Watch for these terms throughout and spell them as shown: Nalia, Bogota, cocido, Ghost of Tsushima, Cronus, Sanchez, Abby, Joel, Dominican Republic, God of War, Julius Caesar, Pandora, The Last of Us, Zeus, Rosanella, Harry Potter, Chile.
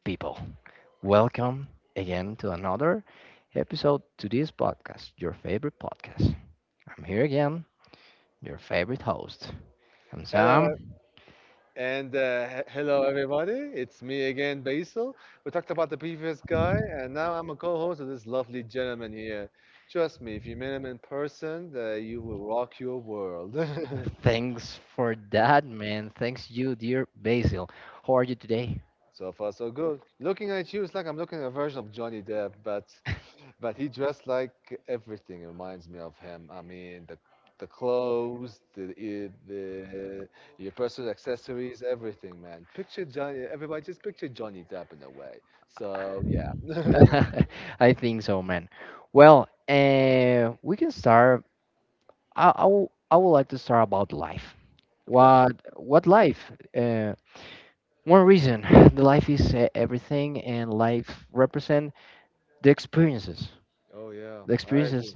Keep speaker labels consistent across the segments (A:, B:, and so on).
A: people, welcome again to another episode to this podcast, your favorite podcast. I'm here again, your favorite host. I'm
B: Hello,
A: Sam.
B: and hello everybody. It's me again, Basil. We talked about the previous guy, and now I'm a co-host of this lovely gentleman here. Trust me, if you met him in person, you will rock your world.
A: Thanks for that, man. Thanks you, dear Basil. How are you today?
B: So far, so good. Looking at you, it's like I'm looking at a version of Johnny Depp, but he dressed like everything reminds me of him. I mean, the clothes, the your personal accessories, everything, man. Picture Johnny. Everybody, just picture Johnny Depp in a way. So yeah,
A: I think so, man. Well, we can start. I I would like to start about life.
B: of course.
A: What life? Uh, One reason, the life is everything, and life represent the experiences.
B: Oh yeah,
A: The
B: I
A: experiences,
B: agree.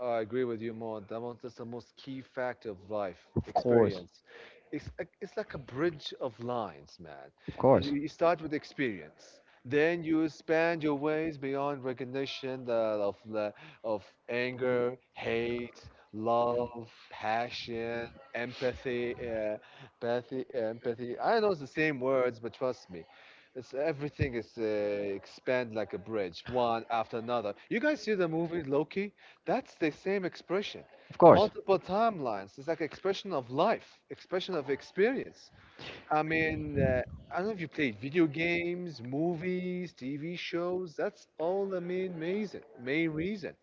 B: Oh, I agree with you more. That was just the most key factor of life
A: of course,
B: experience. It's like a bridge of lines, man.
A: of
B: If You
A: course,
B: you start with experience, then you expand your ways beyond recognition of the, of anger, hate, love, passion, empathy, empathy. I know it's the same words, but trust me. It's everything is expand like a bridge, one after another. You guys see the movie Loki? That's the same expression.
A: of course,
B: Multiple timelines. It's like expression of life, expression of experience. I mean, uh, I don't know if you played video games, movies, TV shows. That's all the main reason. Main reason.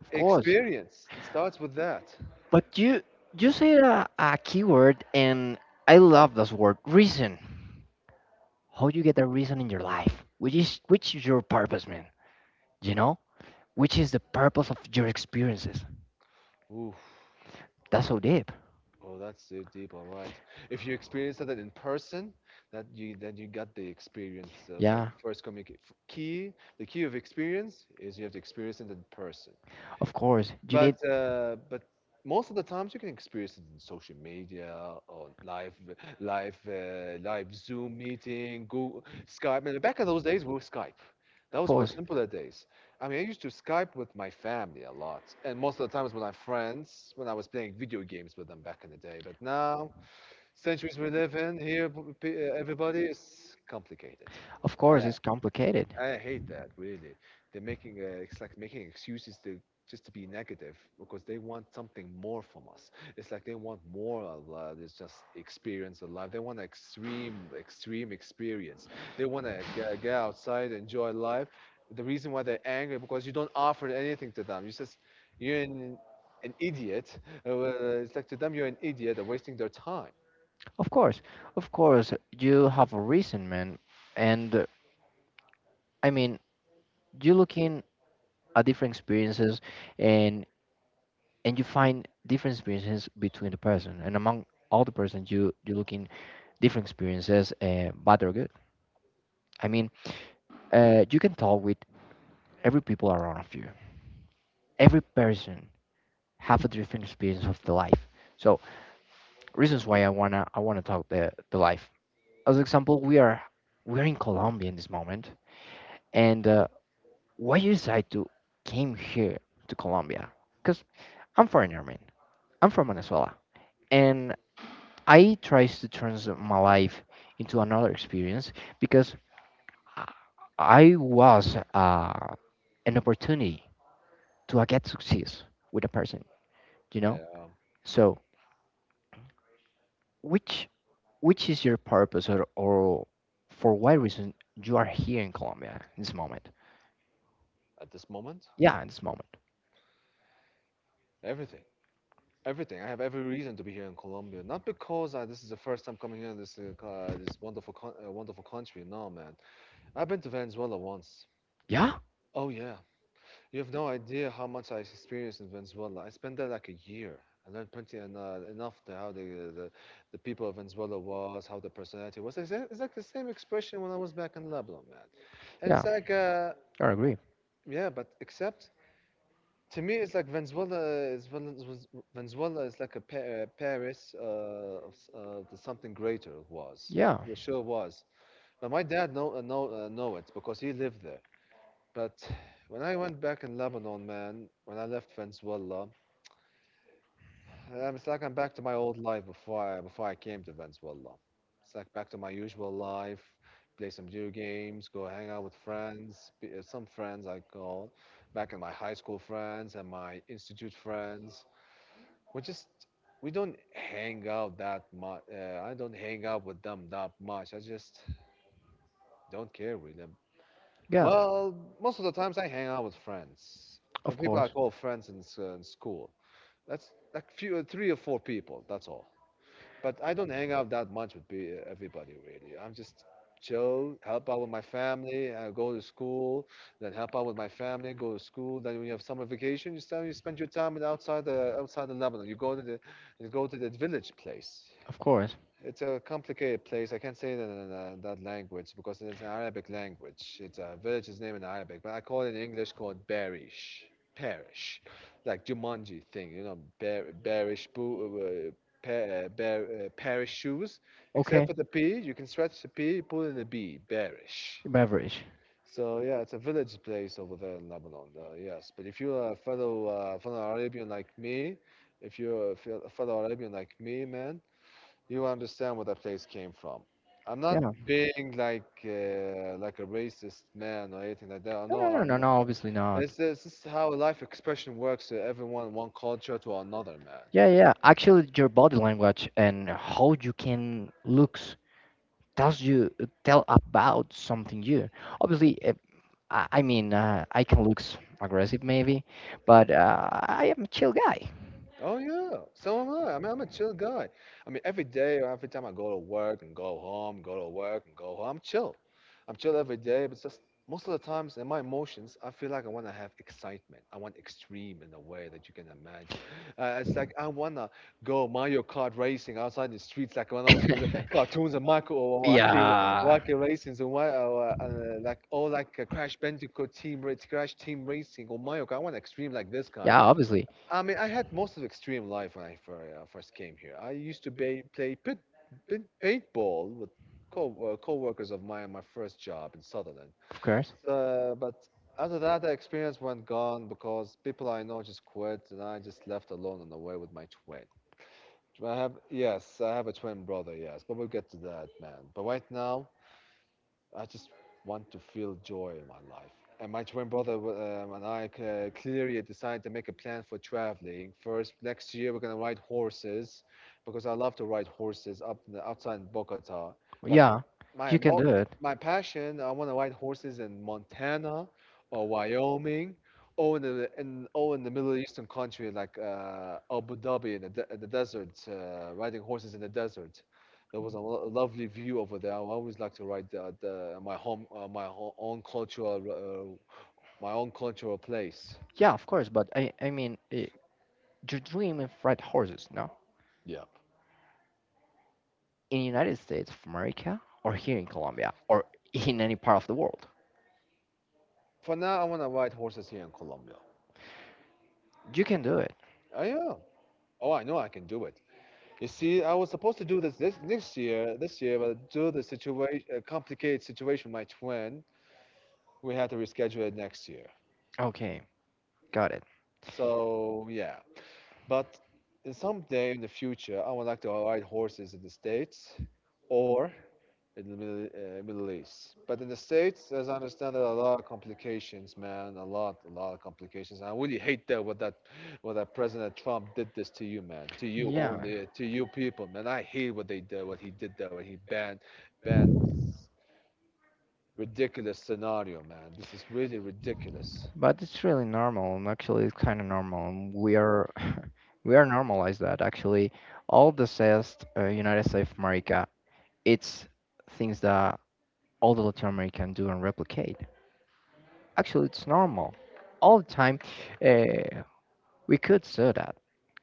A: of course.
B: Experience. It starts with that.
A: But you say a keyword, and I love this word, reason. How you get a reason in your life? Which is your purpose, man? You know, which is the purpose of your experiences?
B: Oof.
A: That's so deep.
B: Oh, that's so deep. All right. If you experience that in person, that you then you got the experience of a
A: Yeah.
B: key. The key of experience is you have to experience it in person.
A: Of course, you need.
B: But most of the times you can experience it in social media or live Zoom meeting, Google Skype. And back in those days, we were Skype. That
A: Of
B: was one
A: course,
B: simpler days. I mean, I used to Skype with my family a lot, and most of the times with my friends when I was playing video games with them back in the day. But now, centuries we live in here, everybody is complicated.
A: of course, it's complicated.
B: I hate that really. They're making It's like making excuses to just to be negative because they want something more from us. It's like they want more of this just experience of life. They want extreme experience. They want to get outside, enjoy life. The reason why they're angry because you don't offer anything to them. You just you're an idiot. Well, it's like to them you're an idiot. They're wasting their time.
A: Of course, of course, you have a reason, man. And I mean, you looking at different experiences, and and you find different experiences between the person, and among all the persons, you looking different experiences, bad or good. I mean, you can talk with every people around of you. Every person have a different experience of the life. So reasons why I wanna talk the life. As an example, we're in Colombia in this moment, and why you decide to came here to Colombia? Because I'm foreigner, man. I'm from Venezuela, and I tries to turn my life into another experience because I I was an opportunity to get success with a person, you know.
B: Yeah,
A: So which Which is your purpose, or for what reason you are here in Colombia in this moment?
B: at this moment,
A: Yeah, in this moment.
B: everything. Everything. I have every reason to be here in Colombia. Not because this is the first time coming here in this this wonderful con wonderful country. No, man. I've been to Venezuela once.
A: Yeah?
B: Oh yeah. You have no idea how much I experienced in Venezuela. I spent there like a year. I learned plenty and enough to how the the people of Venezuela was, how the personality was. It's, it's like the same expression when I was back in Lebanon, man. And
A: Yeah,
B: it's like
A: I agree.
B: yeah, but except to me, it's like Venezuela is like a Paris the something greater it was.
A: Yeah,
B: Sure was. But my dad know it because he lived there. But when I went back in Lebanon, man, when I left Venezuela, it's like I'm back to my old life before I came to Venezuela. It's like back to my usual life, play some video games, go hang out with friends, some friends I call, back in my high school friends and my institute friends we just we don't hang out that much. I don't hang out with them that much. I just don't care with them.
A: yeah,
B: Well, most of the times I hang out with friends. The
A: of
B: people I
A: course,
B: call friends in, in school. That's like few, three or four people. That's all. But I don't hang out that much with everybody really. I'm just chill, help out with my family, I go to school, then help out with my family, go to school. Then when you have summer vacation, you spend your time in outside the Lebanon. You go to the village place.
A: of course.
B: It's a complicated place. I can't say that in that language because it's an Arabic language. It's a village's name in Arabic, but I call it in English called Barish, Parish, like Jumanji thing, you know, Barish boo, pa- Bar Parish shoes. Except
A: Okay,
B: for the P, you can stretch the P, pull in the B, Barish.
A: beverage.
B: So yeah, it's a village place over there in Lebanon. Yes, but if you're a fellow Arabian like me, if you're a fellow Arabian like me, man, you understand where that place came from. I'm
A: Yeah. No,
B: not being like a racist man or anything like that. I know
A: no, no,
B: I'm.
A: no, no, obviously not.
B: It's just how life expression works. Everyone one culture to another, man.
A: Yeah, yeah. Actually, your body language and how you can look tells you tell about something new. Obviously, I mean, I can look aggressive maybe, but I am a chill guy.
B: Oh yeah, so am I. I mean, I'm a chill guy. I mean, every day or every time I go to work and go home, go to work and go home, I'm chill. I'm chill every day, but just most of the times in my emotions, I feel like I want to have excitement. I want extreme in a way that you can imagine. It's like I want to go Mario Kart racing outside the streets, like when I was in the cartoons and Michael or Wacky,
A: Yeah.
B: Wacky racings and why, like oh, like Crash Bandicoot team, Crash Team Racing or Mario Kart. I want extreme like this guy.
A: Yeah, obviously,
B: I mean, I had most of extreme life when I first came here. I used to ba play paintball with co co-workers of mine. In my first job in Sutherland.
A: of course.
B: So, but after that, the experience went gone because people I know just quit, and I just left alone on the way with my twin. Do I have yes, I have a twin brother. Yes, but we'll get to that, man. But right now, I just want to feel joy in my life. And my twin brother and I clearly decided to make a plan for traveling. First, next year we're gonna ride horses because I love to ride horses up outside in Bogota. But
A: Yeah,
B: my
A: you can
B: mo
A: do it.
B: my passion, I want to ride horses in Montana or Wyoming, or in the in or in the Middle Eastern country like Abu Dhabi in the desert, riding horses in the desert. There was a lo lovely view over there. I always like to write the my home my ho own cultural my own cultural place.
A: Yeah, of course, but I mean, your dream of ride horses, no?
B: Yep.
A: In United States of America, or here in Colombia, or in any part of the world,
B: For now, I want to ride horses here in Colombia.
A: you can do it.
B: I am. Oh, I know I can do it. You see, I was supposed to do this next year, this year, but due to the situation, complicated situation with my twin, we had to reschedule it next year.
A: Okay, got it.
B: So yeah, but someday in the future, I would like to ride horses in the States or in Middle East. But in the States, as I understand, there are a lot of complications, man. A lot of complications. I really hate that what that President Trump did this to you, man. To you
A: Yeah,
B: only, to you people, man. I hate what they did, what he did there, banned this ridiculous scenario, man. This is really ridiculous.
A: but it's really normal, and actually, it's kind of normal. And we are normalized that actually, all the says United States of America, it's things that all the Latin American do and replicate. Actually, it's normal. All the time, uh, we could say that.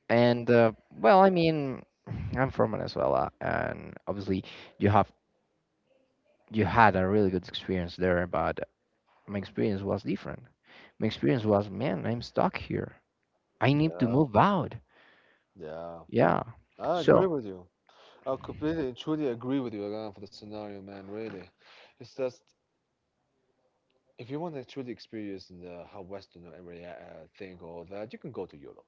A: And well, I mean, I'm from Venezuela, and obviously, you have you had a really good experience there, but my experience was different. My experience was, man, I'm stuck here. I need to
B: Yeah,
A: move out.
B: yeah.
A: Yeah.
B: I
A: So,
B: agree with you. I completely and truly agree with you again for the scenario, man. Really, it's just if you want to truly experience how Western area think all that, you can go to Europe.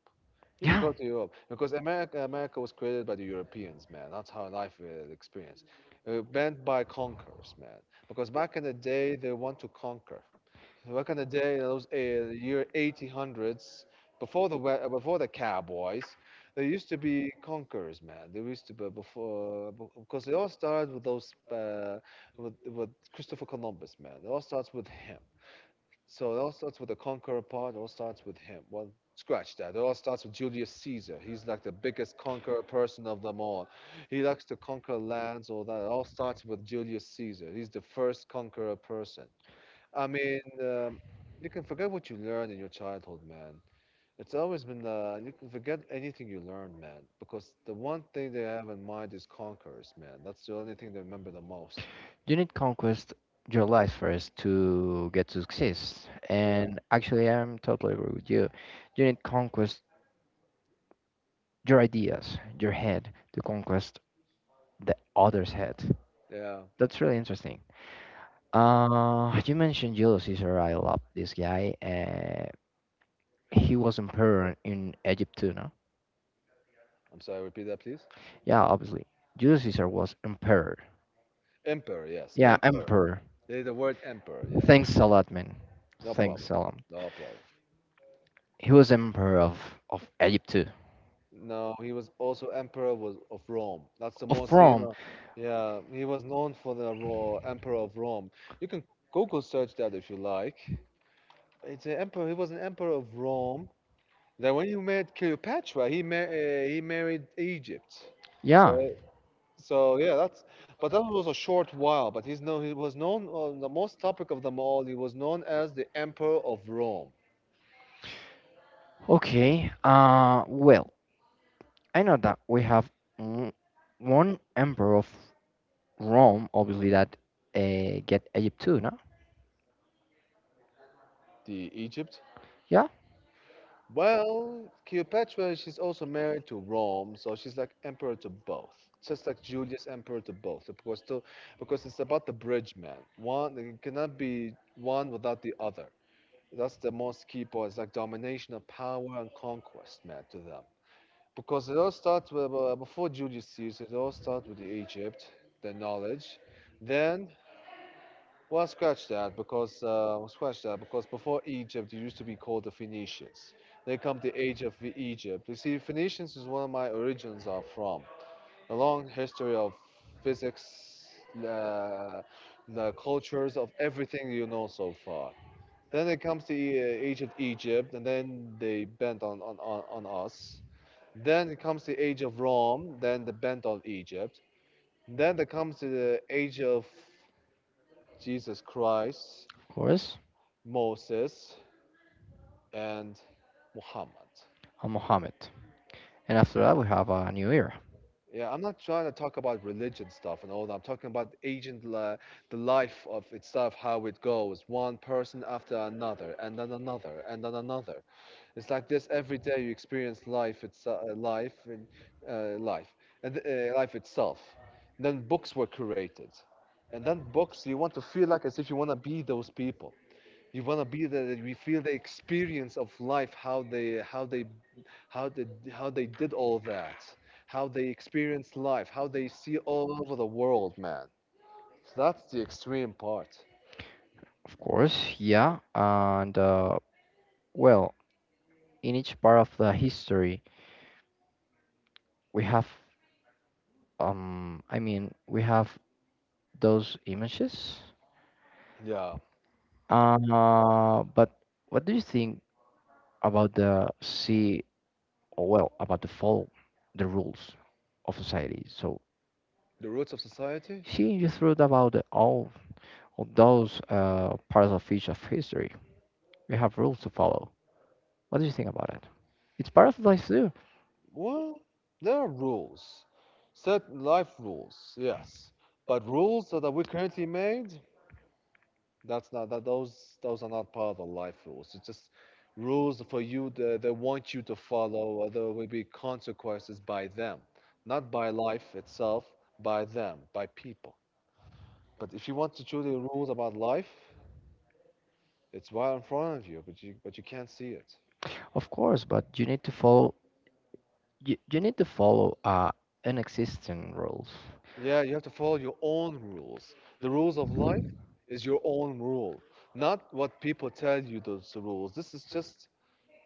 B: You can
A: yeah.
B: go to Europe because America was created by the Europeans, man. That's how life meant by conquerors, man. Because back in the day, they want to conquer. Back in the day, those year 1800s, before the cowboys, there used to be conquerors, man. There used to be before because it all started with those with Christopher Columbus, man. It all starts with him. So it all starts with the conqueror part. It all starts with him. Well, scratch that. It all starts with Julius Caesar. He's like the biggest conqueror person of them all. He likes to conquer lands, all that. It all starts with Julius Caesar. He's the first conqueror person. I mean, um, you can forget what you learned in your childhood, man. It's always been, you can forget anything you learned, man, because the one thing they have in mind is conquerors, man. That's the only thing they remember the most.
A: You need conquest your life first to get to success.
B: Yeah,
A: And actually, I'm totally agree with you. You need conquest your ideas, your head, to conquest the other's head.
B: yeah.
A: That's really interesting. You mentioned Julius Caesar. I love this guy. He was emperor in Egypt too, no?
B: I'm sorry, repeat that, please.
A: Yeah, obviously. Julius Caesar was emperor.
B: Emperor, yes,
A: Yeah,
B: emperor.
A: emperor.
B: They, the word emperor, yeah.
A: Thanks a lot, man.
B: No
A: Thanks
B: problem,
A: a lot.
B: no problem.
A: He was emperor of Egypt too.
B: No, he was also emperor was of Rome. That's
A: Rome.
B: the most, yeah, he was known for the emperor of Rome. You can Google search that if you like. It's an emperor. He was an emperor of Rome. That when he married Cleopatra, he he married Egypt.
A: Yeah.
B: So so yeah, that's but that was a short while. But he's known. He was known on the most topic of them all. He was known as the emperor of Rome,
A: Okay. Well, I know that we have w- one emperor of Rome, obviously that get Egypt too, no?
B: the Egypt.
A: Yeah,
B: Well, Cleopatra, she's also married to Rome, so she's like emperor to both, just like Julius emperor to both, because to, because it's about the bridge man. One it cannot be one without the other. That's the most key part. It's like domination of power and conquest, man, to them. Because it all starts with, before Julius Caesar, it all starts with the Egypt, the knowledge. Then, well, scratch that because well, scratch that because before Egypt, it used to be called the Phoenicians. They come the age of the Egypt. You see, Phoenicians is one of my origins are from. A long history of physics, uh, the cultures of everything you know so far. Then it comes to Age of Egypt, and then they bent on, on us. Then it comes to the Age of Rome, then the bent on Egypt. Then there comes to the Age of Jesus Christ,
A: of course.
B: Moses, and Muhammad.
A: Mohammed. And after that, we have a new era,
B: Yeah, I'm not trying to talk about religion stuff and all that. I'm talking about the life of itself, how it goes, one person after another, and then another, and then another. It's like this every day you experience life, it's life uh, life and life itself. And then books were created, and then books you want to feel like as if you want to be those people. You want to be the you feel the experience of life, how they how they did all that, how they experience life, how they see all over the world, man. So that's the extreme part.
A: of course. Yeah. And well, in each part of the history, we have we have those images.
B: Yeah,
A: But what do you think about the see or, well, about the follow the rules of society? So
B: the roots of society.
A: she just wrote about all of those parts of each of history. We have rules to follow. What do you think about it? It's part of life too,
B: Well, there are rules, certain life rules, yes. But rules that are we currently made, that's not that those are not part of the life rules. It's just rules for you that they want you to follow, or there will be consequences by them, not by life itself, by them, by people. But if you want to choose the rules about life, it's right in front of you, but you can't see it.
A: of course, but you need to follow. You need to follow an existing rules.
B: Yeah, you have to follow your own rules. The rules of life is your own rule, not what people tell you those rules. This is just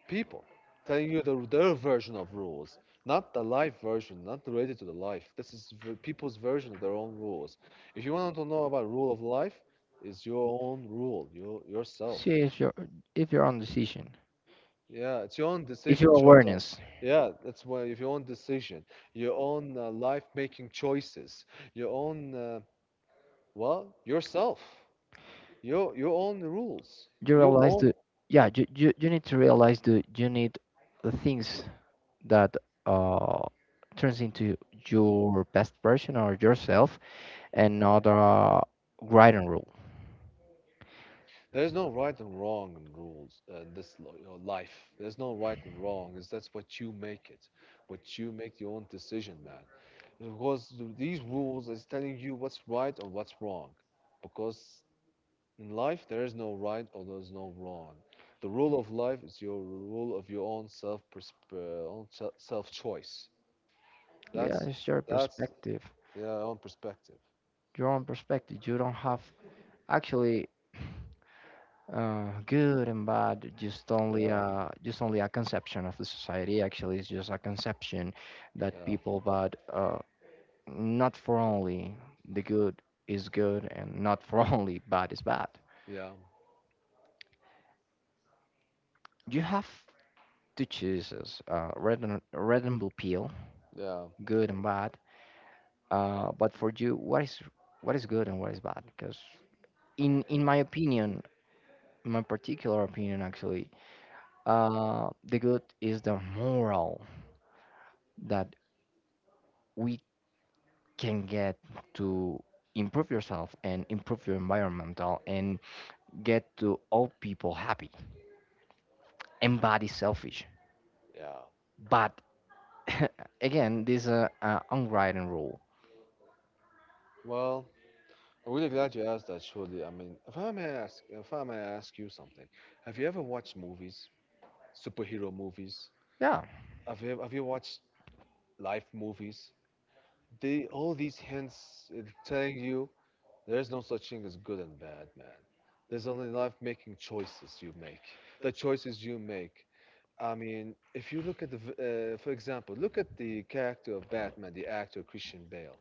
B: people telling you the, their version of rules, not the life version, not related to the life. This is people's version of their own rules. If you want to know about rule of life, is your own rule, your yourself.
A: See if you're on decision,
B: Yeah, it's your own
A: if
B: decision,
A: your
B: short term.
A: awareness.
B: Yeah, that's why if your own decision, your own life making choices, your own Well, yourself. You own the rules.
A: You
B: You
A: realize
B: own.
A: the Yeah, you need to realize the you need the things that uh turns into your best version or yourself, and not a grinding rule.
B: There's no right and wrong in rules your life. There's no right and wrong. Is that's what you make it, what you make your own decision, man. Because these rules is telling you what's right or what's wrong. Because in life there is no right or there's no wrong. The rule of life is your rule of your own own self choice.
A: Yeah,
B: That's
A: it's your
B: that's
A: perspective
B: yeah, own perspective.
A: your own perspective You don't have actually good and bad, just only
B: Yeah.
A: a just only a conception of the society. Actually, it's just a conception that
B: Yeah.
A: people, but not for only the good is good, and not for only bad is bad.
B: Yeah.
A: You have to choose as red and blue pill,
B: Yeah.
A: good and bad. But for you, what is good and what is bad? Because in my opinion, my particular opinion actually, the good is the moral that we can get to improve yourself and improve your environmental and get to all people happy. And bad is selfish,
B: Yeah.
A: but again, this unwritten rule.
B: Well, I'm really glad you asked that, Shirley. I mean, if I may ask you something, have you ever watched movies, superhero movies?
A: Yeah.
B: Have you watched life movies? They all these hints is telling you there's no such thing as good and bad, man. There's only life making choices you make. The choices you make I mean, if you look at the, for example, look at the character of Batman, the actor Christian Bale.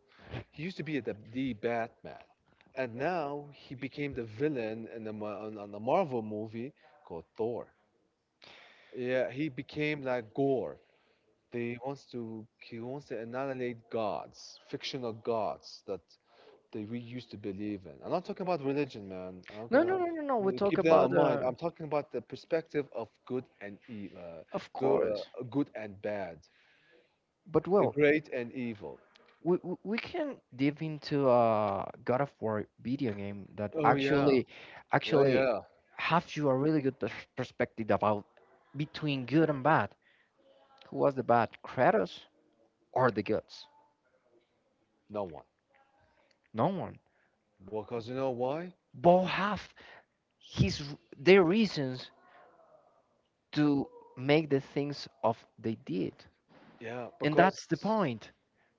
B: He used to be the Batman, and now he became the villain in the, Mar- on a Marvel movie called Thor. Yeah, he became like Gore. They wants to he wants to annihilate gods, fictional gods that we used to believe in. I'm not talking about religion, man. I'm
A: No, no,
B: gonna
A: no, no, no. We talk
B: keep that
A: about
B: in mind. I'm talking about the perspective of good and evil,
A: of course.
B: good and bad,
A: But
B: the
A: well,
B: great and evil.
A: we can dive into a God of War video game that
B: Oh yeah,
A: actually
B: yeah,
A: actually
B: yeah.
A: have you a really good perspective about between good and bad. Who was the bad, Kratos or the gods?
B: No one.
A: No one.
B: Because you know why?
A: Both have their reasons to make the things of they did.
B: Yeah,
A: And that's
B: because
A: the point.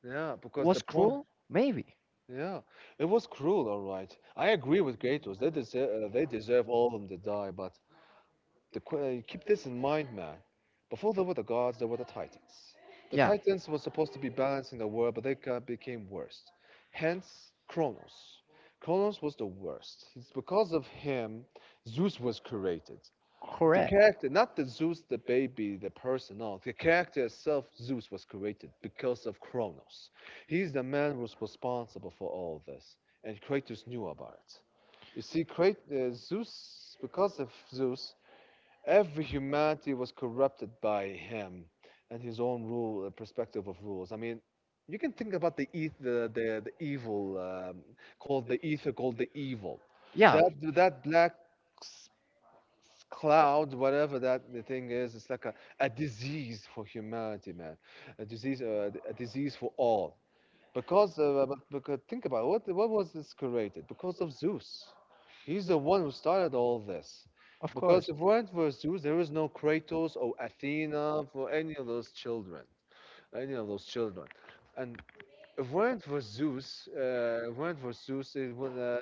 B: yeah, because
A: Was cruel? Maybe.
B: Yeah, it was cruel. All right, I agree with Kratos. They deserve. They deserve all of them to die. But keep this in mind, man. Before there were the gods, there were the Titans. The Yeah.
A: Yeah,
B: Titans were supposed to be balancing the world, but they became worse. Hence, Kronos. Kronos was the worst. It's because of him Zeus was created. The Correct.
A: correct.
B: Character, not the Zeus, the baby, the person, no. The character itself, Zeus, was created because of Kronos. He's the man who was responsible for all this, and Kratos knew about it. You see, Zeus, because of Zeus, every humanity was corrupted by him and his own rule perspective of rules. I mean, you can think about the evil called the ether called the evil.
A: Yeah,
B: That black s- cloud, whatever that the thing is, it's like a disease for humanity, man. A disease for all. Because, because think about it, what was this created? Because of Zeus. He's the one who started all this.
A: of
B: Because
A: course.
B: if it weren't for Zeus, there is no Kratos or Athena for any of those children, any of those children. And if it weren't for Zeus, it would,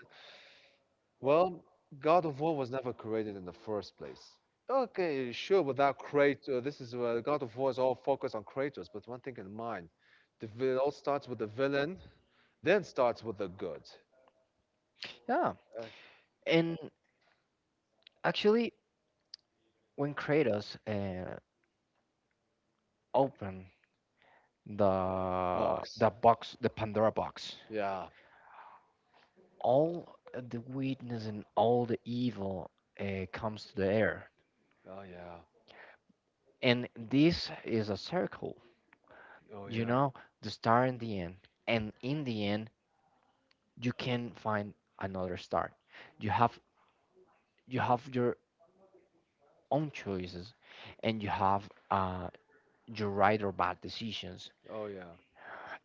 B: well, God of War was never created in the first place. Okay, sure, without Kratos, this is God of War is all focused on Kratos, but one thing in mind, it all starts with the villain then starts with the good
A: Yeah,
B: uh,
A: and actually, when Kratos opened the
B: box.
A: the box, the Pandora box,
B: Yeah.
A: all the wickedness and all the evil comes to the air,
B: Oh yeah.
A: and this is a circle.
B: Oh
A: You
B: yeah.
A: know, the start and the end, and in the end you can find another start. You have you have your own choices, and you have your right or bad decisions.
B: Oh yeah.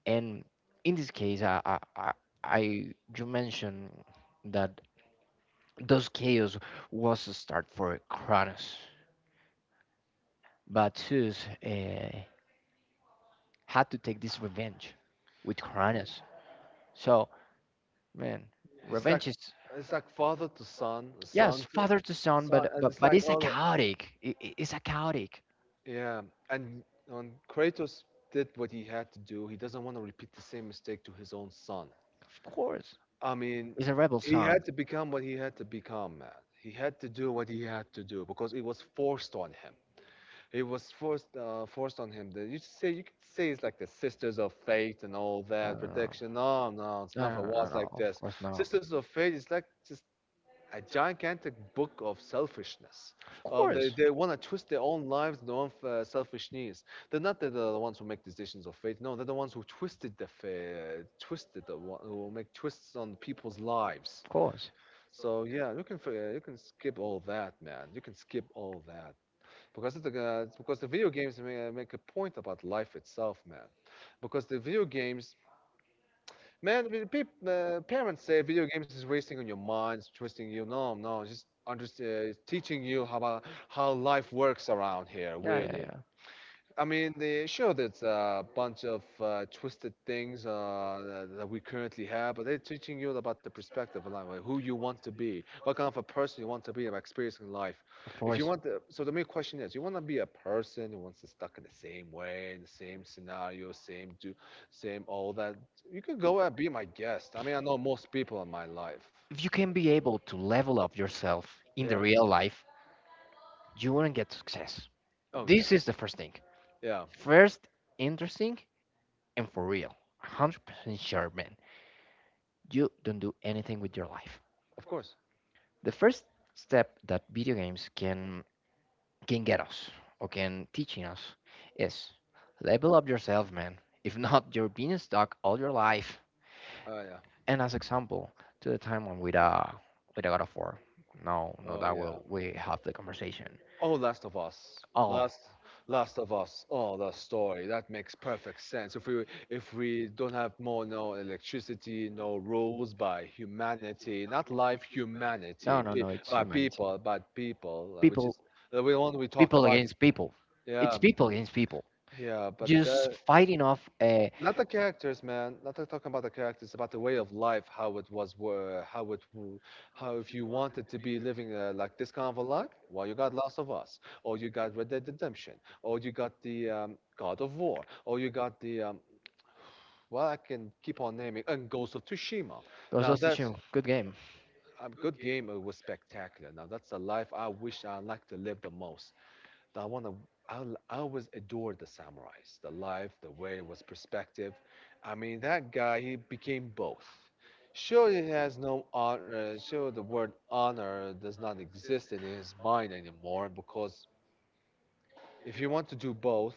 A: And in this case, I- you mentioned that those chaos was a start for Cronus, but Zeus had to take this revenge with Cronus, so man,
B: It's like
A: revenge is
B: it's like father to son,
A: yes,
B: son to
A: father to son, but
B: son, and
A: but
B: it's
A: but
B: like
A: it's a
B: all.
A: chaotic. It's a chaotic.
B: Yeah. And when Kratos did what he had to do, he doesn't want to repeat the same mistake to his own son.
A: Of course,
B: I mean,
A: it's a rebel
B: he
A: son.
B: had to become what he had to become, man. He had to do what he had to do because it was forced on him. It was forced on him. You should say you could say it's like the Sisters of Fate and all that
A: No,
B: protection. No, no, it's
A: no, no,
B: never
A: no, no, no, no,
B: was
A: no,
B: like
A: of
B: this.
A: course, no.
B: Sisters of Fate is like just a gigantic book of selfishness.
A: Of
B: Of
A: course,
B: they want to twist their own lives, their own selfish needs. They're not the ones who make decisions of fate. No, they're the ones who twisted the twisted the one who make twists on people's lives.
A: of course.
B: So yeah, you can you can skip all that, man. You can skip all that. Because it's because the video games make a point about life itself, man. Because the video games, man, parents say video games is wasting on your minds, twisting you. No, no, just teaching you how about how life works around here,
A: Yeah, yeah,
B: really.
A: yeah.
B: I mean, the sure, there's a bunch of twisted things that we currently have, but they're teaching you about the perspective of life, like who you want to be, what kind of a person you want to be about experiencing life.
A: Of
B: If you
A: course.
B: want to, so the main question is, you want to be a person who wants to stuck in the same way, in the same scenario, same do, same all that. You could go and be my guest. I mean, I know most people in my life.
A: If you can be able to level up yourself in the
B: Yeah.
A: real life, you wouldn't get success.
B: Oh yeah.
A: This is the first thing.
B: Yeah.
A: First, interesting and for real. 100% sure, man. You don't do anything with your life.
B: Of course.
A: The first step that video games can get us or can teaching us is level up yourself, man. If not, you're being stuck all your life.
B: Oh yeah.
A: And as example, to the timeline with a God of War. No, no,
B: Oh
A: that
B: yeah.
A: will we have the conversation.
B: Oh, Last of Us. Last of Us. Oh, the story. That makes perfect sense. If we don't have
A: Oh,
B: more no electricity, no rules by humanity, not life humanity,
A: no, no,
B: pe
A: no. It's
B: by
A: humanity.
B: people, but people, which
A: People,
B: is the one we talked
A: people
B: about.
A: against people.
B: Yeah,
A: It's people against people.
B: yeah, but
A: Just fighting off a
B: not the characters, man. Not talking about the characters, about the way of life, how it was, how if you wanted to be living like this kind of a life, well, you got Last of Us, or you got Red Dead Redemption, or you got the God of War, or you got the well, I can keep on naming, and Ghost of Tsushima.
A: Ghost
B: Now
A: of
B: that
A: Tsushima. Good game.
B: um, good game, it was spectacular. Now that's the life I wish I like to live the most. I want to. I always adored the samurais, the life, the way it was perspective. I mean, that guy, he became both. Sure, he has no honor. Sure, the word honor does not exist in his mind anymore because if you want to do both,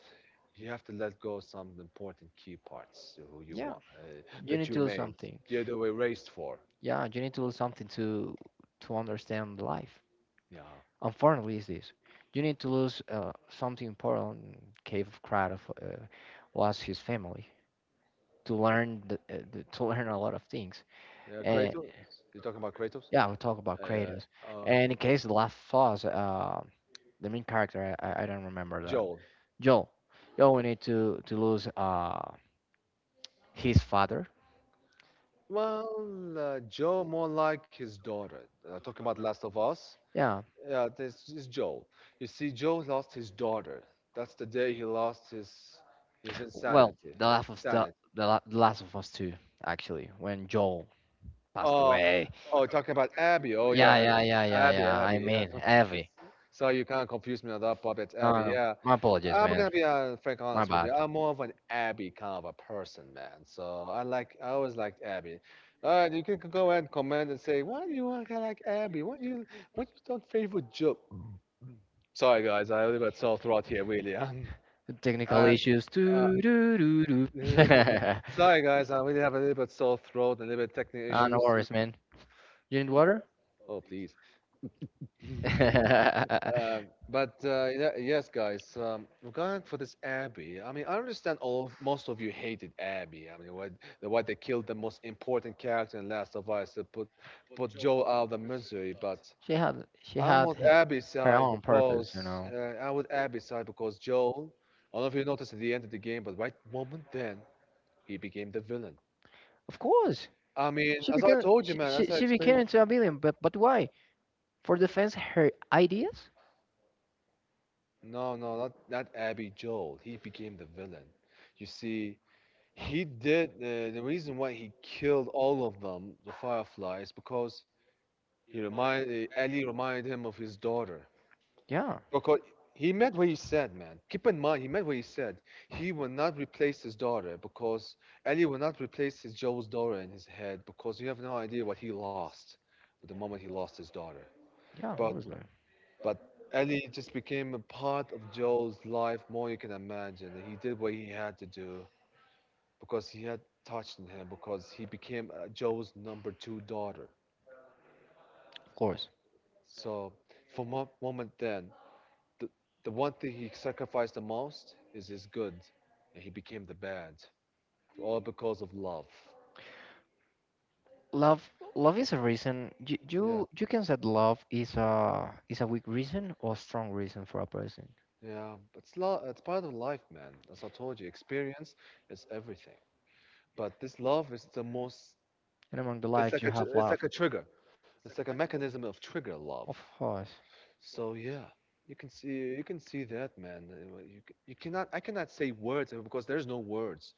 B: you have to let go of some important key parts to who you
A: Yeah,
B: want uh,
A: you
B: that
A: need
B: you
A: to do
B: made.
A: something.
B: Yeah, they were raised for.
A: Yeah, you need to do something to understand life.
B: Yeah.
A: Unfortunately, is this. You need to lose something important. Cave of Krat of, was his family, to learn the, to learn a lot of things.
B: Yeah,
A: And
B: Kratos. You're talking about Kratos?
A: yeah, we talk about
B: Uh,
A: Kratos.
B: uh,
A: And in case the last Us, the main character, I don't remember that.
B: Joel.
A: Joel. Joel, we need to lose his father.
B: Well, Joe more like his daughter. Talking about Last of Us,
A: Yeah.
B: yeah, this is Joe. You see, Joe lost his daughter. That's the day he lost his
A: Well,
B: insanity. Sanity.
A: the last of us too, actually, when Joel passed
B: Oh,
A: away.
B: oh, talking about Abby. Oh yeah,
A: Yeah, yeah, yeah, yeah,
B: Abby,
A: yeah. I
B: Abby. Yeah.
A: mean, Abby.
B: So you kind of confused me on that part. It's
A: No,
B: Abby.
A: no.
B: Yeah.
A: My apologies,
B: I'm
A: man.
B: gonna be frank
A: My
B: honest with
A: bad.
B: you. I'm more of an Abby kind of a person, man. So I always liked Abby. All right, you can go ahead and comment and say why do you want to like Abby? Why do you don't favor Joe? Sorry guys, I really got sore throat here, really.
A: Technical
B: Um,
A: issues.
B: uh, uh,
A: Doo, doo, doo, doo. Sorry.
B: sorry guys, I really have a little bit sore throat and a little bit technical
A: Sorry, no
B: issues. So,
A: worries, man. You need water?
B: oh please. Uh, but yeah, yes, guys. Regarding for this Abby. I mean, I understand all of, most of you hated Abby. I mean, why, why they killed the most important character in Last of Us to put Joel out of the misery. But
A: she had she I
B: I'm
A: had
B: on
A: h-
B: Abby's
A: her
B: side
A: own purpose, you
B: because
A: know.
B: uh, I'm with Abby's side because Joel. I don't know if you noticed at the end of the game, but right moment then he became the villain.
A: Of course,
B: I mean,
A: she
B: as I
A: became
B: told you,
A: she
B: man, as
A: she,
B: I
A: she became
B: explained.
A: into a billion, but why? For defense her ideas?
B: No, no, not Abby Joel. He became the villain. You see, he did. The reason why he killed all of them, the Fireflies, because he remind Ali reminded him of his daughter.
A: Yeah,
B: Because he meant what he said, man. Keep in mind, he meant what he said. He will not replace his daughter because Ali will not replace his Joe's daughter in his head because you have no idea what he lost the moment he lost his daughter.
A: yeah,
B: But
A: obviously, of
B: but Ali just became a part of Joe's life more you can imagine. And he did what he had to do because he had touched on him because he became Joe's number two daughter.
A: course.
B: So for moment then, the, the one thing he sacrificed the most is his good, and he became the bad, all because of love.
A: Love love is a reason. You
B: Yeah,
A: you, you can say love is a weak reason or strong reason for a person.
B: yeah, it's love. It's part of life, man. As I told you, experience is everything. But this love is the most.
A: And among the life you have
B: It's
A: love.
B: like a trigger. It's like a mechanism of trigger love.
A: Of course,
B: So yeah, you can see that, man. You c- you cannot I cannot say words because there's no words.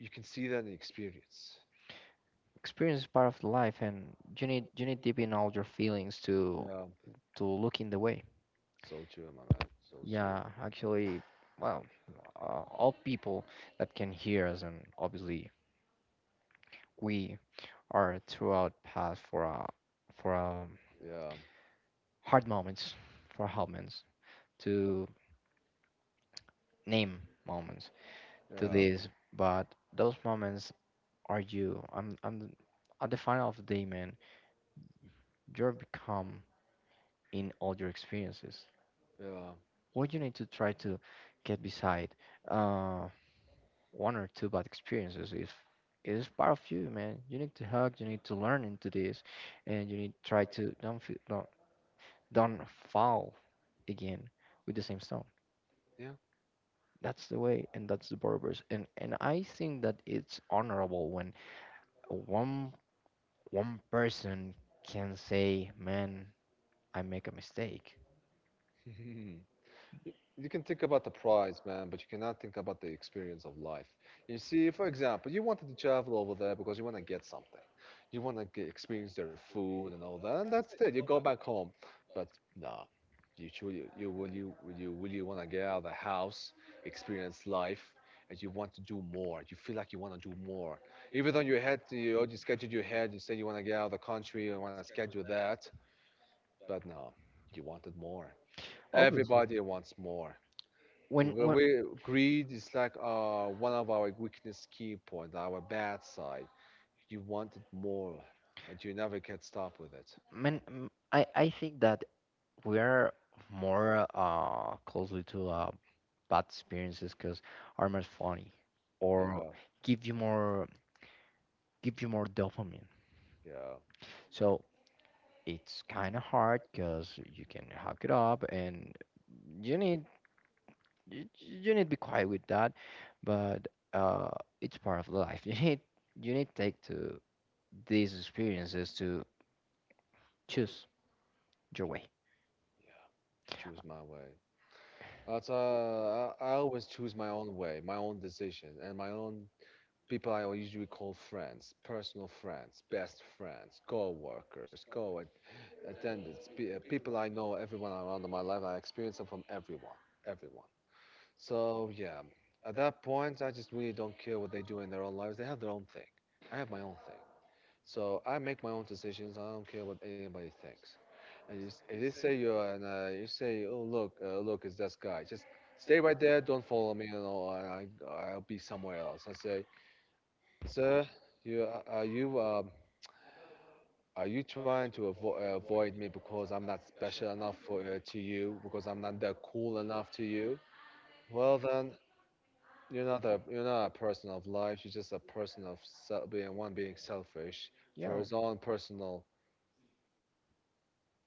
B: You can see that in experience.
A: experience is part of the life, and you need deep in all your feelings to
B: Yeah,
A: yeah, to look in the way.
B: so true, my man. So true.
A: Yeah, actually, well, all people that can hear us, and obviously we are throughout path for for um,
B: Yeah,
A: hard moments, for hard moments, to name moments to
B: yeah,
A: this, but those moments are you. I'm at the final of the day, man. You are become in all your experiences. Or you need to try to get beside uh, one or two bad experiences. If it is part of you, man, you need to hug. You need to learn into this, and you need to try to don't feel, don't fall again with the same stone.
B: yeah,
A: That's the way, and that's the purpose. And I think that it's honorable when one one person can say, "Man, I make a mistake."
B: yeah. you you can think about the prize, man, but you cannot think about the experience of life. You see, for example, you wanted to travel over there because you want to get something. You want to get, experience their food and all that, and that's it. You go back home, but no, you truly, you will you will you will you want to get out of the house, experience life, and you want to do more. You feel like you want to do more, even though you had to, you already scheduled your head. You said you want to get out of the country, you want to schedule that, but no, you wanted more.
A: Obviously,
B: Everybody wants more.
A: when
B: Greed is like one of our weakness key points, our bad side. You want it more, but you never can stop with it.
A: Man, I think that we are more closely to bad experiences because are more funny or
B: Yeah,
A: give you more give you more dopamine.
B: yeah,
A: So it's kind of hard because you can hook it up and you need you need to be quiet with that, but uh it's part of life. You need take to these experiences to choose your way.
B: yeah. Choose my way. That's I always choose my own way, my own decision, and my own people. I usually call friends, personal friends, best friends, co-workers, co-attendants, people I know, everyone around in my life. I experience them from everyone, everyone. So yeah, at that point, I just really don't care what they do in their own lives. They have their own thing. I have my own thing. So I make my own decisions. I don't care what anybody thinks. If they say you're, and you say, oh look, look, it's this guy. Just stay right there. Don't follow me. You know, I'll be somewhere else. I say, sir, you are you trying to avoid me because I'm not special enough for to you? Because I'm not that cool enough to you? Well then, you're not a person of life. You're just a person of being selfish for
A: Yeah,
B: his own personal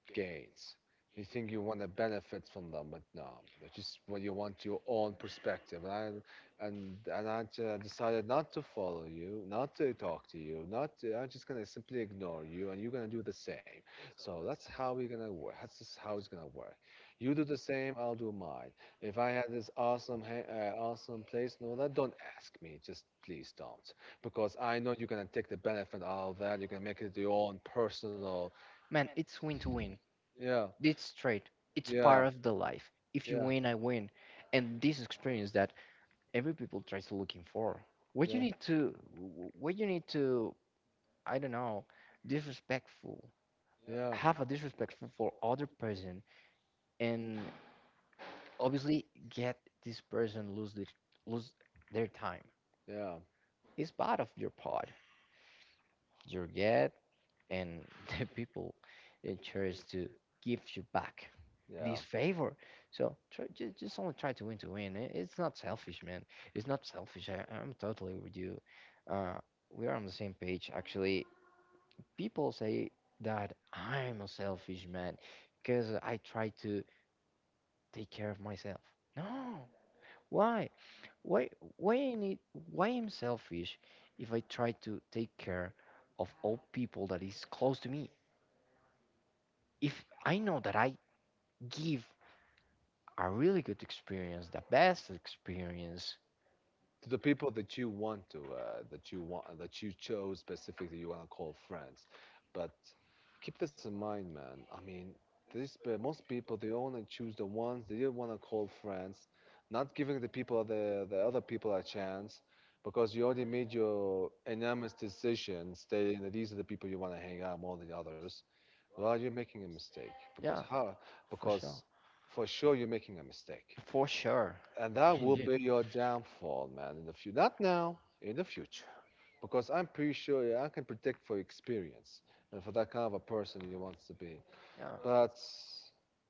B: gains. You think you want to benefit from them, but no, that's just what you want your own perspective. And I decided not to follow you, not to talk to you, not to, I'm just gonna simply ignore you, and you're gonna do the same. So that's how we're gonna work. That's just how it's gonna work. You do the same, I'll do mine. If I had this awesome, awesome place, no, that don't ask me. Just please don't, because I know you're gonna take the benefit out of that. You're gonna make it your own personal.
A: man, it's win to win.
B: Yeah.
A: It's straight. It's
B: Yeah.
A: part of the life. If you
B: Yeah.
A: Yeah. win, I win. And this experience that every people tries to looking for. What you
B: Yeah.
A: need to, what you need to, I don't know, disrespectful.
B: Yeah.
A: Have a disrespectful for other person, and obviously get this person lose this, lose their time.
B: Yeah.
A: It's part of your part. You get and the people it tries to give you back
B: Yeah.
A: this favor. So try, just only try to win to win. I- It's not selfish, man. It's not selfish. I'm totally with you. Uh, we are on the same page. Actually, people say that I'm a selfish man because I try to take care of myself. No, why? Why? Why I need? Why I'm selfish if I try to take care of all people that is close to me? If I know that I give a really good experience, the best experience,
B: To the people that you want to, that you want, that you chose specifically, you want to call friends. But keep this in mind, man. I mean, these most people they only choose the ones they don't want to call friends, not giving the people the other people a chance, because you already made your unanimous decision stating that these are the people you want to hang out more than the others. Well, you're making a mistake because
A: yeah,
B: how?
A: for
B: Because
A: sure,
B: for sure you're making a mistake,
A: for sure,
B: and that will
A: indeed,
B: be your downfall, man. In the future, not now, in the future, because I'm pretty sure yeah, I can predict for experience and for that kind of a person you want to be.
A: yeah.
B: But,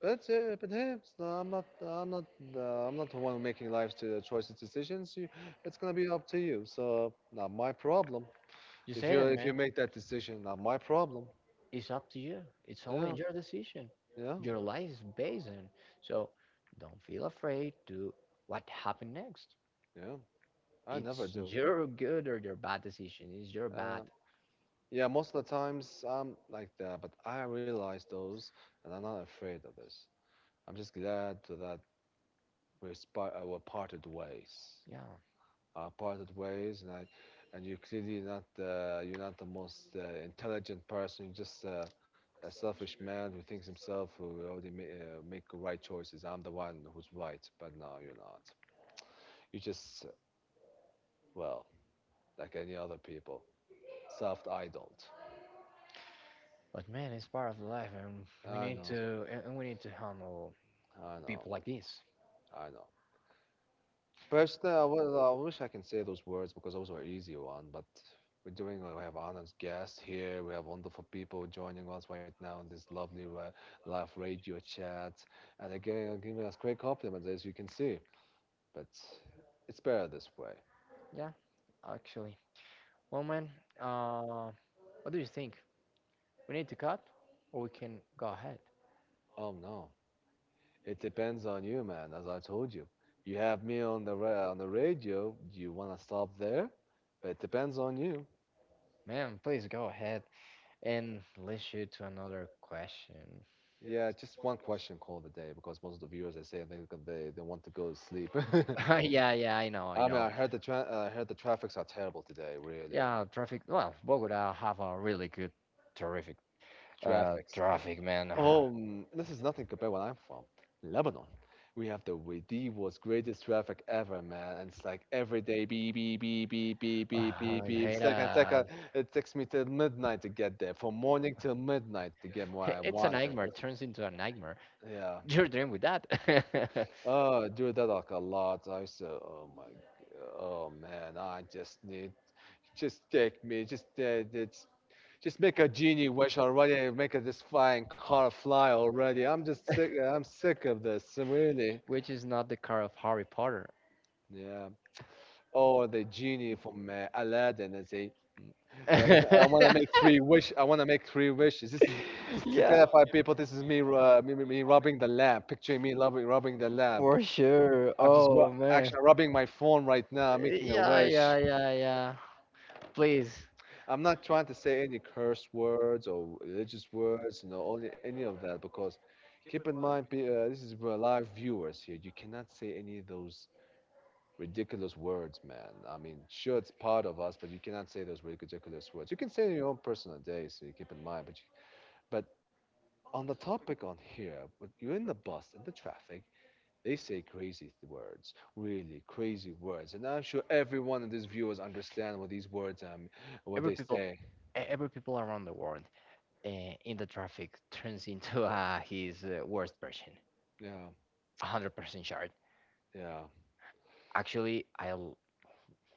B: but hey, it's no, I'm not the one making life's to choices, decisions. You, it's gonna be up to you. So not my problem.
A: You
B: If
A: said
B: you
A: it,
B: if you
A: man.
B: make that decision, not my problem.
A: It's up to you. It's
B: Yeah,
A: only your decision.
B: yeah,
A: Your life is based on. So don't feel afraid to what happened next.
B: yeah. I never
A: It's
B: do.
A: your good or your bad decision. It's your
B: Uh,
A: bad.
B: yeah, most of the times I'm like that, but I realize those, and I'm not afraid of this. I'm just glad to that we're parted ways.
A: Yeah.
B: Parted ways, and you clearly not you're not the most intelligent person. You're just a selfish man who thinks himself who already make the right choices. I'm the one who's right, but no, you're not. You're just well like any other people, self-idled.
A: But man, it's part of life, and we
B: I
A: need
B: know.
A: to and we need to handle
B: I know.
A: people like this.
B: I know. Personally, I wish I can say those words because those were easy one, but we're doing, we have honored guests here. We have wonderful people joining us right now in this lovely live radio chat. And again, are giving us great compliments, as you can see. But it's better this way.
A: Yeah, actually. Well, man, uh, what do you think? We need to cut, or we can go ahead?
B: Oh no. It depends on you, man, as I told you. You have me on the on the radio. Do you want to stop there? But it depends on you.
A: Man, please go ahead and leads you to another question.
B: Yeah, just one question call of the day because most of the viewers they say I think that they want to go to sleep.
A: Yeah, yeah, I
B: Ah,
A: know,
B: yeah,
A: I
B: yeah, I mean,
A: know.
B: I heard the I heard the traffics are terrible today, really.
A: Yeah, traffic. Well, Bogota have a really good,
B: Good
A: terrific
B: traffics.
A: traffic, man.
B: Oh, mm, this is nothing compared where I'm from, Lebanon. We have the with the world's greatest traffic ever, man. And it's like every day beep beep beep beep beep beep beep
A: I
B: beep
A: hate
B: second
A: that.
B: second. It takes me till midnight to get there, from morning till midnight to get where I it's a
A: It's a
B: wanted.
A: nightmare. Turns into a nightmare.
B: Yeah.
A: You're dreaming with that,
B: Do that like a lot. I said, oh my, oh man, I just need, just take me, just make a genie wish already. Make a, this flying car fly already. I'm just sick. I'm sick of this, really.
A: which is not the car of Harry Potter.
B: Yeah. Or the genie from Aladdin. I say, I want to make three wish. I want to make three wishes. This is just to
A: Yeah,
B: clarify, people. This is me, me rubbing the lamp. Picturing me rubbing the lamp.
A: for sure.
B: I'm just
A: Oh man.
B: actually rubbing my phone right now, I'm making a
A: Yeah,
B: wish.
A: yeah, yeah, yeah. Please,
B: I'm not trying to say any curse words or religious words, no, only any of that because keep in mind, this is for live viewers here. You cannot say any of those ridiculous words, man. I mean, sure, it's part of us, but you cannot say those ridiculous words. You can say it in your own personal day, so you keep in mind. But on the topic on here, when you're in the bus, in the traffic, they say crazy words, really crazy words, and I'm sure every one of these viewers understand what these words what
A: every
B: they
A: people,
B: say.
A: every people around the world in the traffic turns into his worst version.
B: Yeah,
A: 100% sure.
B: yeah.
A: Actually,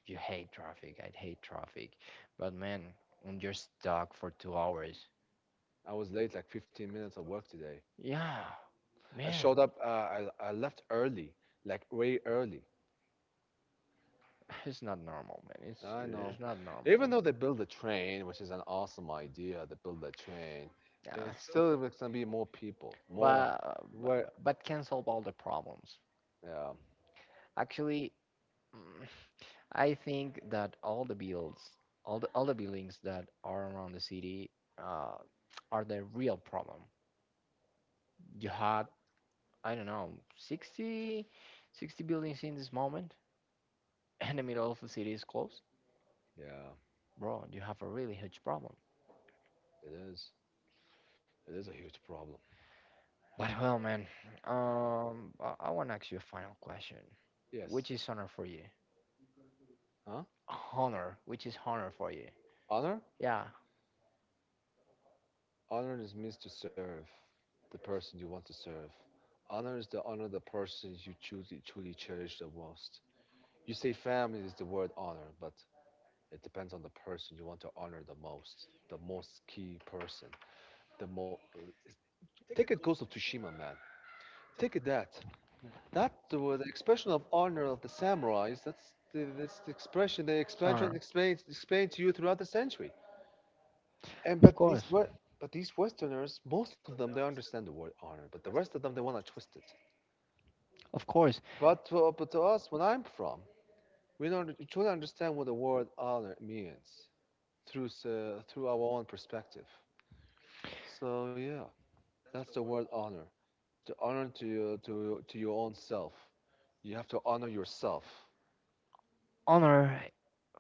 A: you hate traffic. I hate traffic, but man, when you're stuck for 2 hours,
B: I was late like 15 minutes of work today.
A: yeah,
B: I
A: man.
B: showed up. I left early, like way early.
A: It's not normal, man.
B: I
A: It's
B: know.
A: not normal.
B: Even though they build a train, which is an awesome idea, they build a train.
A: Yeah.
B: It's still gonna be more people, more. Where?
A: But can solve all the problems.
B: Yeah,
A: Actually, mm, I think that all the builds, all the buildings that are around the city, uh, are the real problem. You had, I don't know, 60 buildings in this moment, and the middle of the city is closed.
B: yeah.
A: Bro, you have a really huge problem.
B: It is. It is a huge problem.
A: But well, man, I want to ask you a final question.
B: Yes.
A: Which is honor for you?
B: Huh?
A: Honor. Which is honor for you?
B: Honor?
A: Yeah.
B: Honor is means to serve the person you want to serve. Honor is to honor the person you truly, truly cherish the most. You say family is the word honor, but it depends on the person you want to honor the most key person. The mo- take it Ghost of Tsushima, man. Take it that. That was the expression of honor of the samurais. That's the expression they
A: Honor.
B: explain to you throughout the century. And
A: Of
B: but these
A: course.
B: what but these Westerners, most of them they understand the word honor, but the rest of them they wanna twist it.
A: Of course.
B: But to us, when I'm from, we don't we truly understand what the word honor means through through our own perspective. So yeah, that's the word honor. To to your own self, you have to honor yourself.
A: Honor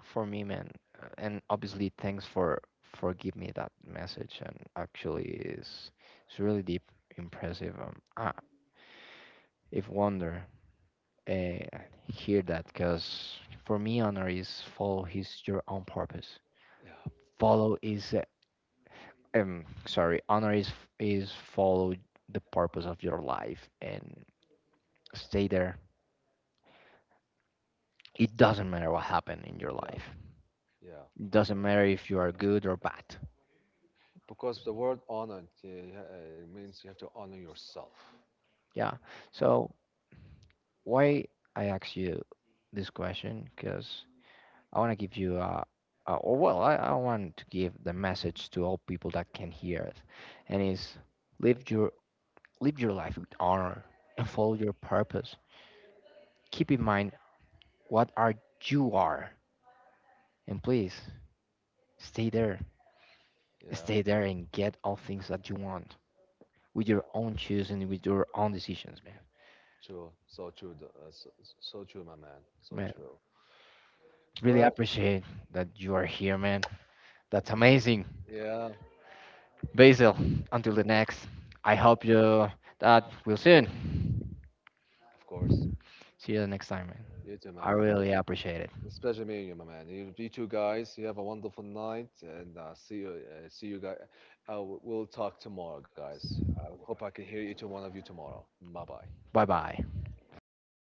A: for me, man. And obviously, thanks for giving me that message. And actually, is it's really deep, impressive. I, if wonder. uh, hear that because for me honor is follow his your own purpose
B: Yeah,
A: follow is sorry honor is follow the purpose of your life and stay there it doesn't matter what happened in your
B: yeah,
A: life
B: yeah.
A: it doesn't matter if you are good or bad
B: Because the word honor means you have to honor yourself.
A: yeah so why I ask you this question because I want to give you a or well, I want to give the message to all people that can hear it, and is live your Live your life with honor and follow your purpose. Keep in mind what are you are. And please stay there.
B: Yeah,
A: Stay there and get all things that you want with your
B: yeah.
A: own choosing, with your own decisions, man.
B: True, so true, so true, my man, so
A: Man,
B: true.
A: really
B: Well,
A: appreciate that you are here, man. That's amazing.
B: yeah, nice.
A: Basil, until the next. I
B: Uh,
A: hope you that we'll soon.
B: of course.
A: See you the next time, man.
B: You too, my
A: I
B: man. Take,
A: really appreciate it.
B: it's pleasure meeting you, my man. You two guys, you have a wonderful night, and see you guys. We'll talk tomorrow, guys. I hope I can hear each one of you tomorrow. Bye bye.
A: Bye bye.